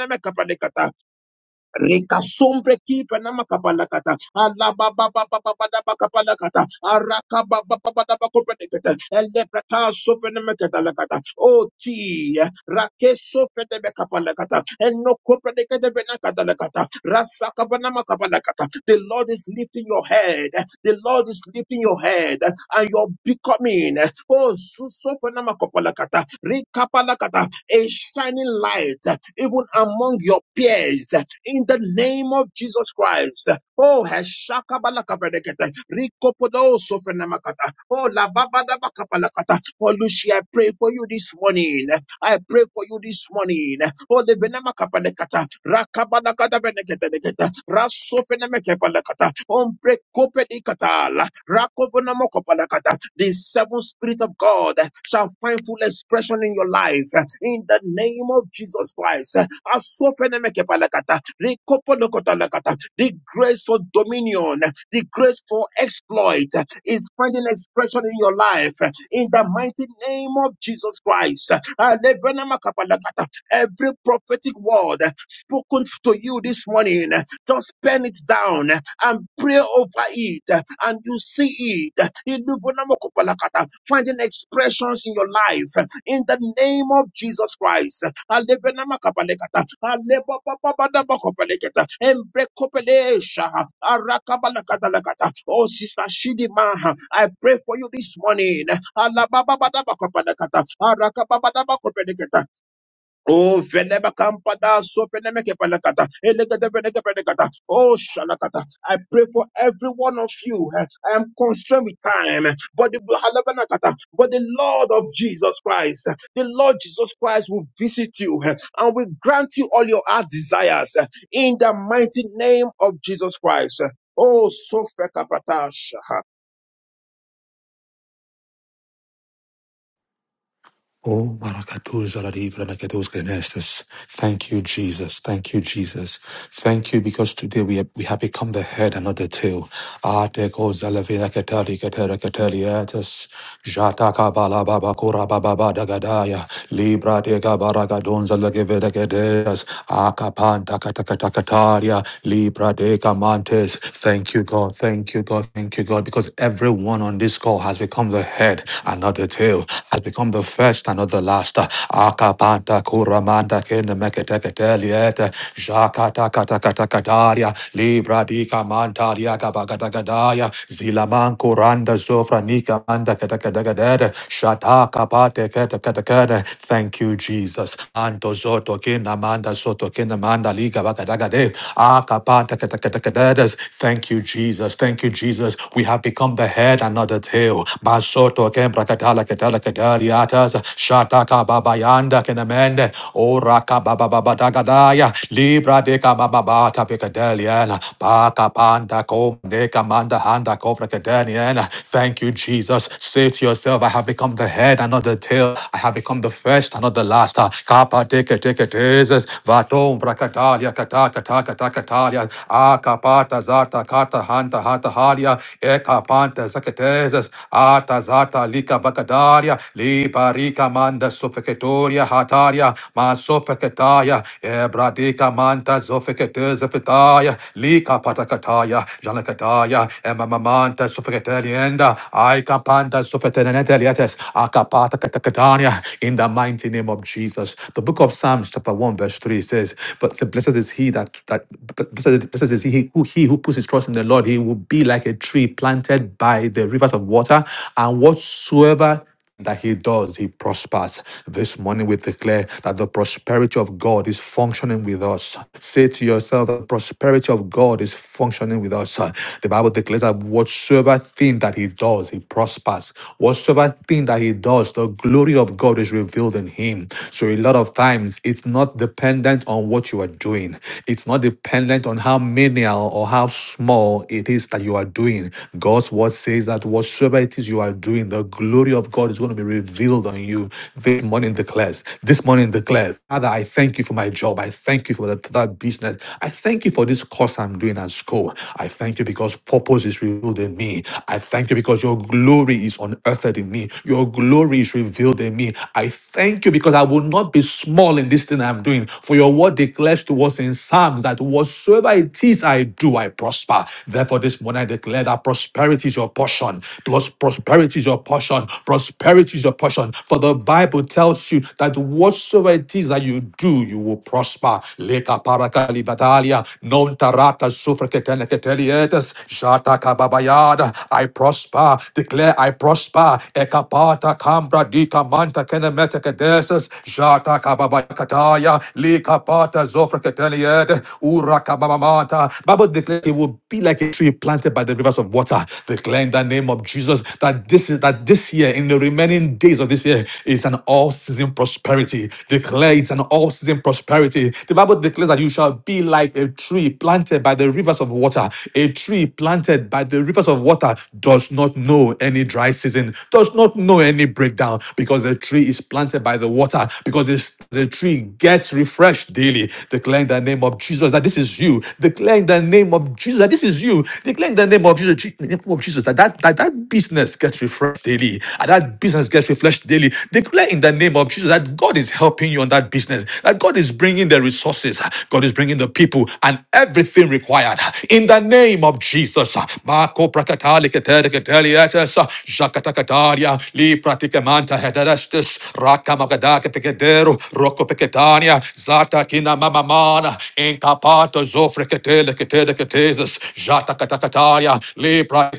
Rekasombre kipa na makapalakata. Alabababababababakapalakata. Arakabababababakopelekete. Elepreta sofenemeketalakata. Oti. Rakesofenemekapalakata. Enokopeleketebenakatalakata. Rasakabanamakabalakata. The Lord is lifting your head. The Lord is lifting your head and you're becoming oh, susofenemakopalakata. Rikapalakata. a shining light even among your peers in the name of Jesus Christ. Oh, heshakabalakabadekete, rikopodosofenamakata, oh, lababadabakapalakata. Oh, Lucy, I pray for you this morning. I pray for you this morning. Oh, the benamakapanekata, rakabanakadabenekete, rasofenemekepalakata, omprekopedikatala, rakobonamokobalakata the seven spirit of God uh, shall find full expression in your life uh, in the name of Jesus Christ. Uh, Asopenemekepalakata, Rikopolokotalakata. The grace for dominion, uh, the grace for exploit uh, is finding expression in your life uh, in the mighty name of Jesus Christ. Uh, Alevenemakapalakata. Every prophetic word uh, spoken to you this morning. Just pen it down and pray over it, uh, and you see it. Ilubunamakopalakata. Finding expressions in your life uh, in the name of Jesus Christ. Alebenamakapalekata. Alebabababadabakopalekata. Embrekopelesha. Arakabalakatalakata. Oh, Sister Shidima, I pray for you this morning. Alabababadabakopalekata. Arakababadabakopelekata. Oh, veleme kampada, sopeneme kepelekata, elegede veneke pelekata. Oh, shalakata. I pray for every one of you. eh, I am constrained with time. eh, But the, halabanakata, but the Lord of Jesus Christ, eh, the Lord Jesus Christ will visit you eh, and will grant you all your heart desires eh, in the mighty name of Jesus Christ. eh. Oh, so Fekapatasha. Oh, Barakatuza la divra la kadosh genestes. Thank you, Jesus. Thank you, Jesus. Thank you because today we have, we have become the head and not the tail. Ate koza la ketari ketera keteri etes. Jata kabala baba kura baba bada gadaya. Libra de gabara gadonza la geveda gedeas. Akapanta katakatakataria. Libra de kamantes. Thank you, God. Thank you, God. Thank you, God. Because everyone on this call has become the head and not the tail, has become the first Christ and not the last. Akapanta kuramanda kenemeketeketeliete. Jakatakatakatakadaria. Libra dika mantalia kabagadagadaya. Zilamanku randa zofranika manda ketekedegedede. Shataka pate ketekedekede. Thank you, Jesus. Anto zoto kinamanda manda soto kina manda liga bagadagade. Akapanta ketekedekededes. Thank you, Jesus. Thank you, Jesus. We have become the head and not the tail. Basoto kembra katala katala kadaliatas. Shataka Babayanda Kenamende, Oraka Bababadagadaya, Libra deka bababata Picadelian, Baka Panda Kom deka manda Handa Kobra Kadanian. Thank you, Jesus. Say to yourself, I have become the head and not the tail. I have become the first and not the last. Kapa teke teke teses, Vatom Brakatalia Kataka Taka taka Takatalia, Akapata Zata Kata Hanta Hata Halia, Ekapanta Zakateses, Ata Zata Lika Bakadaria, Libari Ebrika manda sofeketoria hataria ma sofeketaya Ebradika manta zofekete zefetaya lika patakataya janakataya emamamanta sofeketelienda aika panta sofeteneteliates akapata katakatania in the mighty name of Jesus. The book of Psalms chapter 1 verse 3 says, but blessed is he that, that blessed, blessed is he who, he who puts his trust in the Lord, he will be like a tree planted by the rivers of water and whatsoever that he does, he prospers. This morning we declare that the prosperity of God is functioning with us. Say to yourself, the prosperity of God is functioning with us. The Bible declares that whatsoever thing that he does, he prospers. Whatsoever thing that he does, the glory of God is revealed in him. So a lot of times it's not dependent on what you are doing. It's not dependent on how menial or how small it is that you are doing. God's word says that whatsoever it is you are doing, the glory of God God is going to be revealed on you this morning declares. This morning declares, Father, I thank you for my job. I thank you for that, for that business. I thank you for this course I'm doing at school. I thank you because purpose is revealed in me. I thank you because your glory is unearthed in me. Your glory is revealed in me. I thank you because I will not be small in this thing I'm doing. For your word declares to us in Psalms that whatsoever it is I do, I prosper. Therefore, this morning I declare that prosperity is your portion. Plus prosperity is your portion prosperity is your portion. For the Bible tells you that whatsoever it is that you do, you will prosper. Leka paraka livatalia, non tarata sufra ketene ketelietes, jata kababayada. I prosper, declare I prosper. Ekapata kambra dika manta kenemete kedeses, jata kababayakataya, leka pata zofra keteliede, ura kababamata. Bible declare it will be like a tree planted by the rivers of water. Declare in the name of Jesus that this is that this year in the the remaining days of this year is an all season prosperity. Declare it's an all season prosperity. The Bible declares that you shall be like a tree planted by the rivers of water. A tree planted by the rivers of water does not know any dry season, does not know any breakdown because the tree is planted by the water, because it's, the tree gets refreshed daily. Declare in the name of Jesus that this is you. Declare in the name of Jesus that this is you. Declare in the name of Jesus, Je- in the name of Jesus that, that, that that business gets refreshed daily. and that that business gets refreshed daily. Declare in the name of Jesus that God is helping you on that business, that God is bringing the resources, God is bringing the people and everything required. In the name of Jesus. Marco Prakatali Ketele Ketele Etes, Jakatakataria, Lipra Tikemanta Hederestis, Rakamagadaka Pekedero, Roko Peketania, Zata Kina Mamamana, Incapato Zofre Ketele Ketele Ketesis, Jata Katakataria, Lipra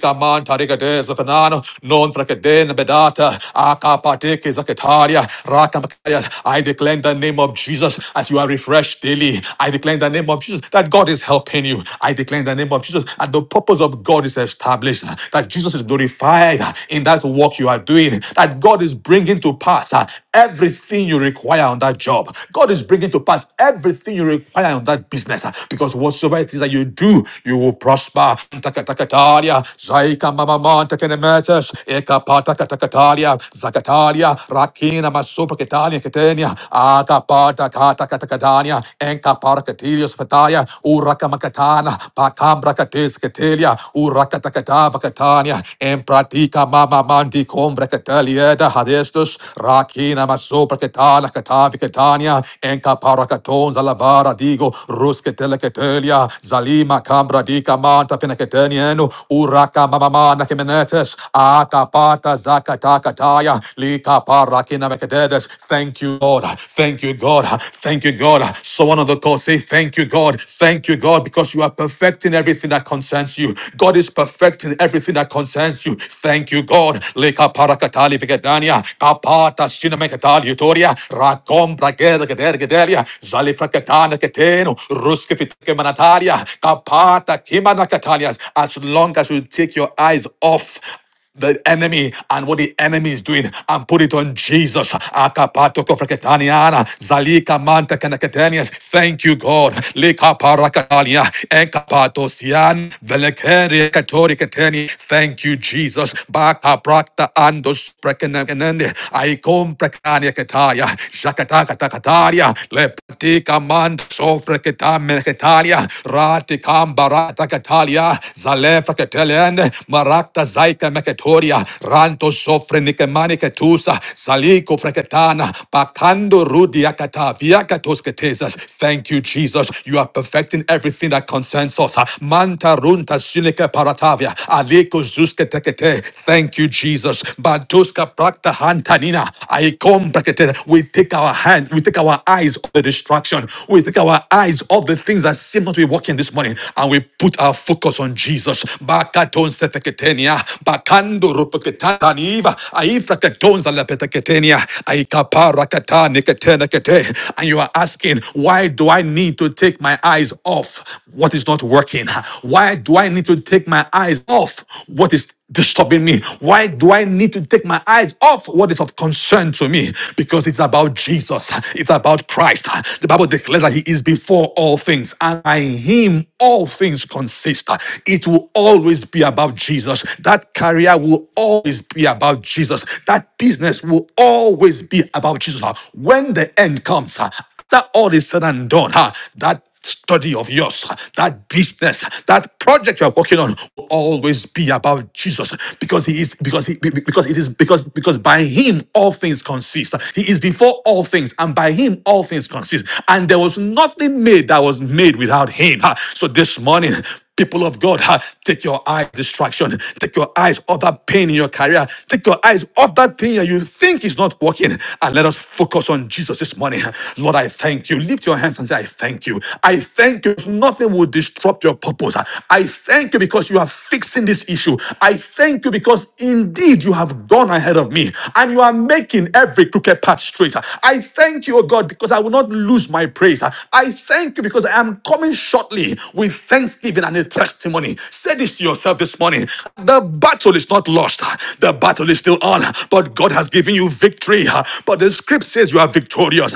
Rigadeza Fanano, Non Frakeden bedat, Rakata, Akapateke Zakataria, Rakamakaria. I declare in the name of Jesus as you are refreshed daily. I declare in the name of Jesus that God is helping you. I declare in the name of Jesus that the purpose of God is established, that Jesus is glorified in that work you are doing, that God is bringing to pass uh, everything you require on that job. God is bringing to pass everything you require on that business uh, because whatsoever it is that you do, you will prosper. Takatakataria, Zaika Mamaman, Takanemetes, Katakalia, Zakatalia, Rakina, Masupa Ketania, Ketenia, Akapata, Kata Katakadania, Enkapara Katilius Fataya, Urakamakatana, Pakambra Katis Katelia, Urakatakatava Katania, Empratika Mama Mandi Combra Catalieda, Hadestus, Rakina, Masupa Katana, Katavi Katania, Enkapara Katon, Zalavara Digo, Ruskatela Catelia, Zalima Cambra Dica Manta Pinacatanienu, Uraka Mamamana Kimenetes, Akapata Zakata katakataya, lika parakina mekadedes. Thank you, God. Thank you, God. Thank you, God. Someone on the call say, Thank you, God. Thank you, God, because you are perfecting everything that concerns you. God is perfecting everything that concerns you. Thank you, God. Lika parakatali vegadania, kapata sinamekatali utoria, rakom brageda gedera gedelia, zalifrakatana keteno, ruskefitke manataria, kapata kimana katalias. As long as you take your eyes off the enemy and what the enemy is doing and put it on Jesus. Akapato kofreketaniana, zalika manta kanaketenias. Thank you, God. Lika parakatalia, enkapato sian, velekere katori keteni. Thank you, Jesus. Baka prakta andos prekenende, aikom prekania ketaria, jakataka takataria, lepatika mand sofreketame ketaria, ratikam barata katalia, zalefa ketelende, marakta zaika meketalia freketoria, ranto sofre nikemaniketusa, saliko freketana, bakando rudiakata, viakatosketesas. Thank you, Jesus. You are perfecting everything that concerns us. Manta runta sinike paratavia, aliko zusketekete. Thank you, Jesus. Bantuska prakta hantanina, aikom brekete. We take our hand, we take our eyes off the distraction, we take our eyes off the things that seem not to be working this morning, and we put our focus on Jesus. Bakaton seteketenia, bakan kando rupaketataniva aifra katonza la petaketenia aikapara katani ketena kete. And you are asking, why do I need to take my eyes off what is not working? Why do I need to take my eyes off what is disturbing me? Why do I need to take my eyes off what is of concern to me? Because it's about Jesus. It's about Christ. The Bible declares that He is before all things, and by Him all things consist. It will always be about Jesus. That career that will always be about Jesus. That business will always be about Jesus. huh? When the end comes, huh, after all is said and done, huh, that study of yours, huh, that business, huh, that project you're working on will always be about Jesus because he is because he be- be- because it is because because by him all things consist. He is before all things and by him all things consist. And there was nothing made that was made without him. Ha. So this morning People of God, ha, take your eye distraction. Take your eyes off that pain in your career. Take your eyes off that thing that you think is not working. And let us focus on Jesus this morning. Lord, I thank you. Lift your hands and say, I thank you. I thank you. Nothing will disrupt your purpose. I thank you because you are fixing this issue. I thank you because indeed you have gone ahead of me and you are making every crooked path straight. I thank you, O God, because I will not lose my praise. I thank you because I am coming short boldly with thanksgiving and a testimony. Say this to yourself this morning. The battle is not lost. The battle is still on, but God has given you victory. But the script says you are victorious.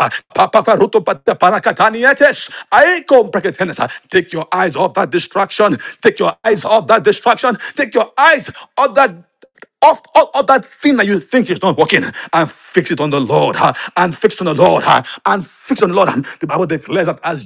Take your eyes off that distraction. Take your eyes off that distraction. Take your eyes off that off all of that thing that you think is not working and fix it on the Lord huh, and fix it on the Lord huh, and fix it on the Lord. And the Bible declares that as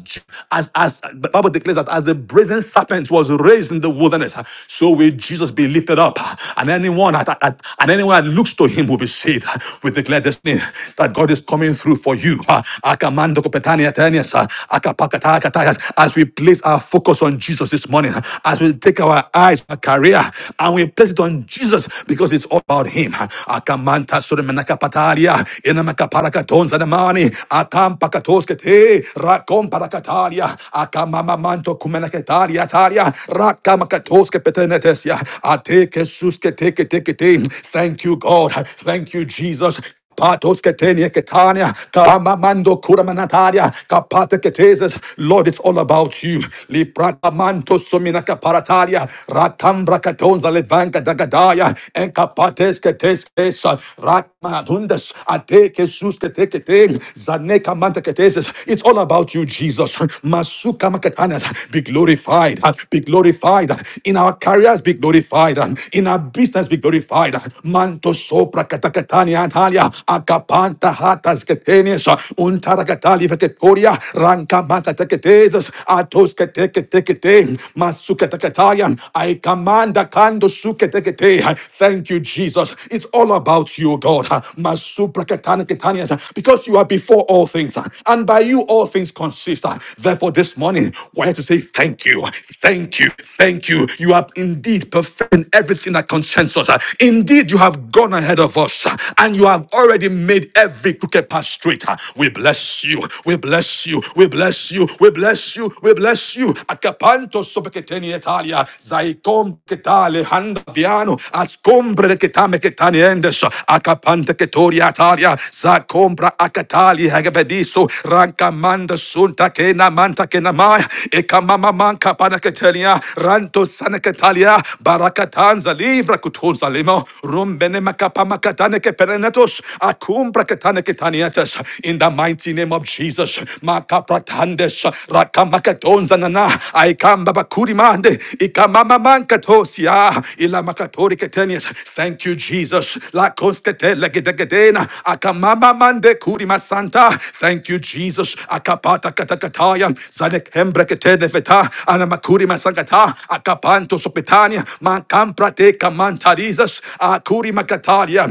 as as the Bible declares that as the brazen serpent was raised in the wilderness, huh, so will Jesus be lifted up, huh, and anyone that, that- and anyone that looks to him will be saved. huh. We declare this thing that God is coming through for you. huh. Akamando kopetania tenias, huh, akapakata katayas. As we place our focus on Jesus this morning, huh, as we take our eyes on our career and we place it on Jesus because it's all about Him. Akamanta suremenaka patalia, inamaka paracatonza namani, atam pakatoskete, rakom parakatalia, akamamamanto kumenaketalia taria rakamakatoske petenetesia, ateke suske teke teke te. Thank you, God. Thank you, Jesus. Patos ketenia ketania, karamamando kuramanataria, kapata keteses. Lord, it's all about you. Lipratamanto sumina kaparataria, ratambra katonza levanka dagadaya, and kapates ketes kesa, ratmatundas, ateke sus ketekete, zaneka manta keteses. It's all about you, Jesus. Masuka makatanas, be glorified, be glorified. In our careers, be glorified. In our business, be glorified. Manto sopra katakatania, Talia, Akapanta Hatas Catenius, Untaracatali Vecatoria, Ranka Macatecatesus, Atos Catecate, Masucatacatarian, I command the Kando Sucatekate. Thank you, Jesus. It's all about you, God. Masupracatanias, because you are before all things, and by you all things consist. Therefore, this morning, we have to say thank you, thank you, thank you. You are indeed perfecting everything that concerns us. Indeed, you have gone ahead of us, and you and you have already made every crooked path straight. Ah, We bless you. We bless you. We bless you. We bless you. We bless you. Acapanto sopeketeni Italia, zaicom ketale handa viano, ascombre ketame ketani endes, acapante ketoria Italia, zacombra acatali hagebediso, rancamanda sunta kena manta kena maya, ekamama manca panaketania, ranto sanaketalia, barakatanza livra kutunza limo, rumbene makapa makatane ke perenetos acum prakatane ketaniates in the mighty name of Jesus makaprathandes rakamakaton zanana aikamba bakurimande ikamama mankatosia ilamakatori ketenias thank you Jesus la constete legedegedena akamamamande mande kurima santa thank you Jesus akapata katakataya zanekembra ketene veta anamakurima sangata akapanto sopetania mankampra te kamantarizas akuri makataria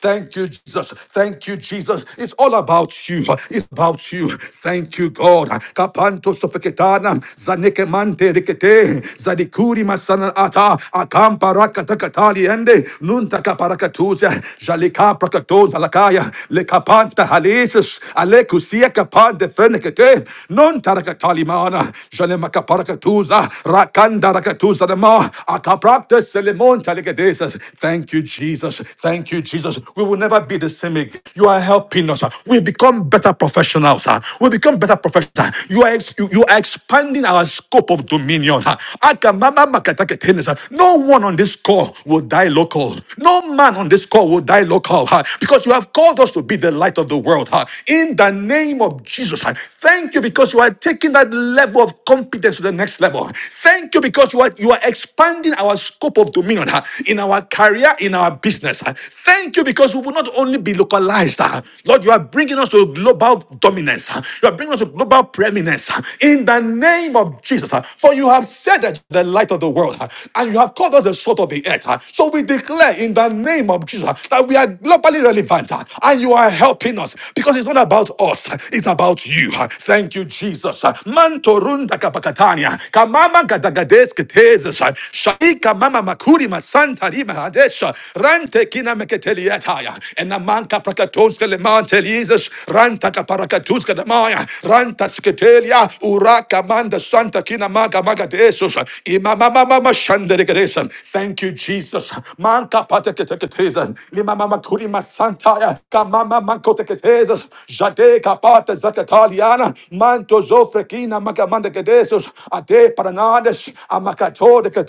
Thank you, Jesus. Thank you, Jesus. It's all about you. It's about you. Thank you, God. Kapanto sofeketana, zanekemante rikete, zadikuri masanata, akamparakatali ende, nunta kaparakatuza, jalika prakatoza lakaya, lekapanta halesis, alekusia kapante fenekete, non tarakatali mana jale janemakaparakatuza, rakanda rakatuza nama, Akaprakta selemonta legedesis. Thank you, Jesus. Thank you, Jesus. We will never be the same again. You are helping us. We become better professionals. We become better professionals. You are, ex- you, you are expanding our scope of dominion. Akamama makataketene. No one on this call will die local. No man on this call will die local because you have called us to be the light of the world. In the name of Jesus, thank you because you are taking that level of competence to the next level. Thank you because you are you are expanding our scope of dominion uh, in our career, in our business. uh. Thank you because we will not only be localized. uh. Lord, you are bringing us to global dominance. uh. You are bringing us to global preeminence uh, in the name of Jesus. uh. For you have said that the light of the world uh, and you have called us the salt of the earth. uh. So we declare in the name of Jesus uh, that we are globally relevant uh, and you are helping us because it's not about us, uh, it's about you. uh. Thank you, Jesus. uh. Mantorunda kapakatania, kamama gadagades ketes Jesus. Shaika mama makuri masanta rima hadesha. Rante kina meketeliataya. Enamanka prakatonska lemante Jesus. Ranta kaparakatuska damaya. Ranta sketelia. Uraka manda santa kina maga maga desus. Imama mama mashandere geresen. Thank you, Jesus. Manka pateketeketezan. Limama makuri masantaya. Kamama mankoteketezas. Jade kapata zakataliana. Manto zofrekina magamanda gedesus. Ade paranades. Amakat you are bringing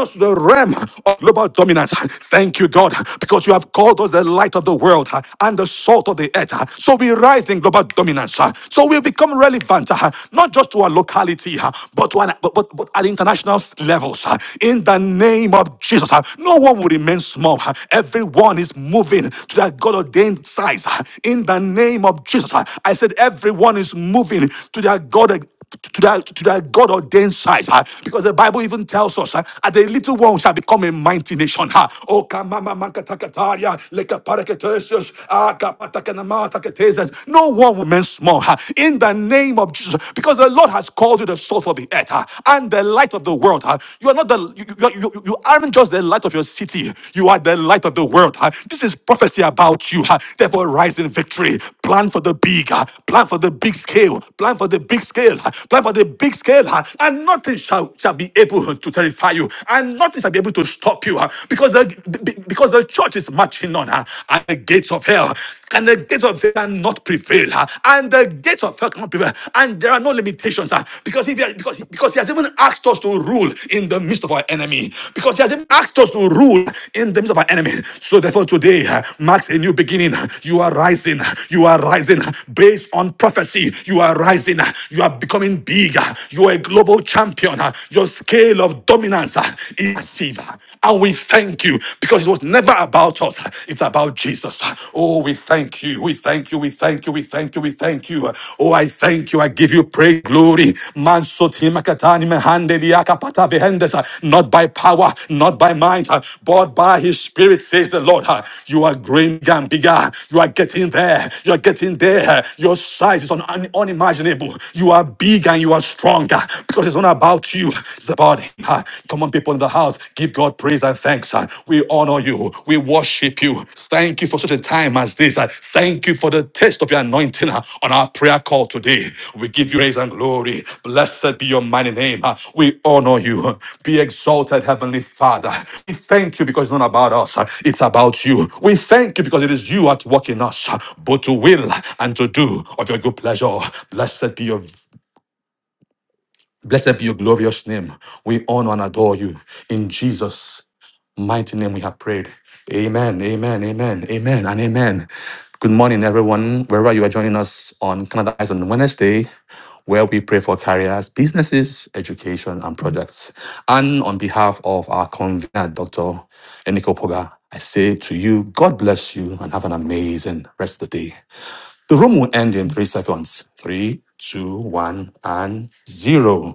us to the realm of global dominance. Thank you, God, because you have called us the light of the world uh, and the salt of the earth. uh, So we rise in global dominance. uh, So we become relevant, uh, not just to our locality, uh, but, to an, but, but, but at international levels. uh, In the name of Jesus, uh, no one will remain small. uh, Everyone is moving to that God ordained size. uh, In the name of Jesus, uh, I said, everyone is moving to their God to that, to that God ordained size, huh? because the Bible even tells us, huh, and the little one shall become a mighty nation. Huh? O kamama mankatakataria, lekapareketesios, akapatakanamatakateses. No one remains small huh? in the name of Jesus, because the Lord has called you the salt of the earth huh? and the light of the world. Huh? You are not the you, you, you, you aren't just the light of your city, you are the light of the world. huh? This is prophecy about you. huh? Therefore, rise in victory. Plan for the big. uh, Plan for the big scale. Plan for the big scale. uh, Plan for the big scale. uh, And nothing shall, shall be able to terrify you. And nothing shall be able to stop you. uh, Because the, because the church is marching on uh, at the gates of hell. And the gates of hell cannot prevail. uh, And the gates of hell cannot prevail. And there are no limitations. uh, Because, if, because, because he has even asked us to rule in the midst of our enemy because He has even asked us to rule in the midst of our enemy. So therefore, today uh, marks a new beginning. You are rising. You are rising based on prophecy. You are rising. You are becoming bigger. You are a global champion. Your scale of dominance uh, is massive. And we thank you because it was never about us. It's about Jesus. Oh, we thank you. We thank you. We thank you. We thank you. We thank you. Oh, I thank you. I give you praise, glory. Mansotimakatani mehande diakapata vehendesa. Not by power, not by might, uh, but by his spirit, says the Lord. uh, You are growing bigger. You are getting there. You are getting there. Uh, Your size is un- un- unimaginable. You are big and you are stronger because it's not about you. It's about him. uh. Come on, people in the house. Give God praise and thanks. uh. We honor you. We worship you. Thank you for such a time as this. Uh, Thank you for the taste of your anointing uh, on our prayer call today. We give you praise and glory. Blessed be your mighty name. Uh, We honor you. Be exalted, Heavenly Father. We thank you because it's not about us, uh, it's about you. We thank you because it is you at work in us, uh, both to will and to do of your good pleasure. Blessed be your Blessed be your glorious name. We honor and adore you. In Jesus' mighty name we have prayed. Amen, amen, amen, amen, and amen. Good morning, everyone, wherever you are joining us on Canada Eyes on Wednesday, where we pray for careers, businesses, education, and projects. And on behalf of our convener, Dr. Eniko Poga, I say to you, God bless you and have an amazing rest of the day. The room will end in three seconds. Three, two, one, and zero.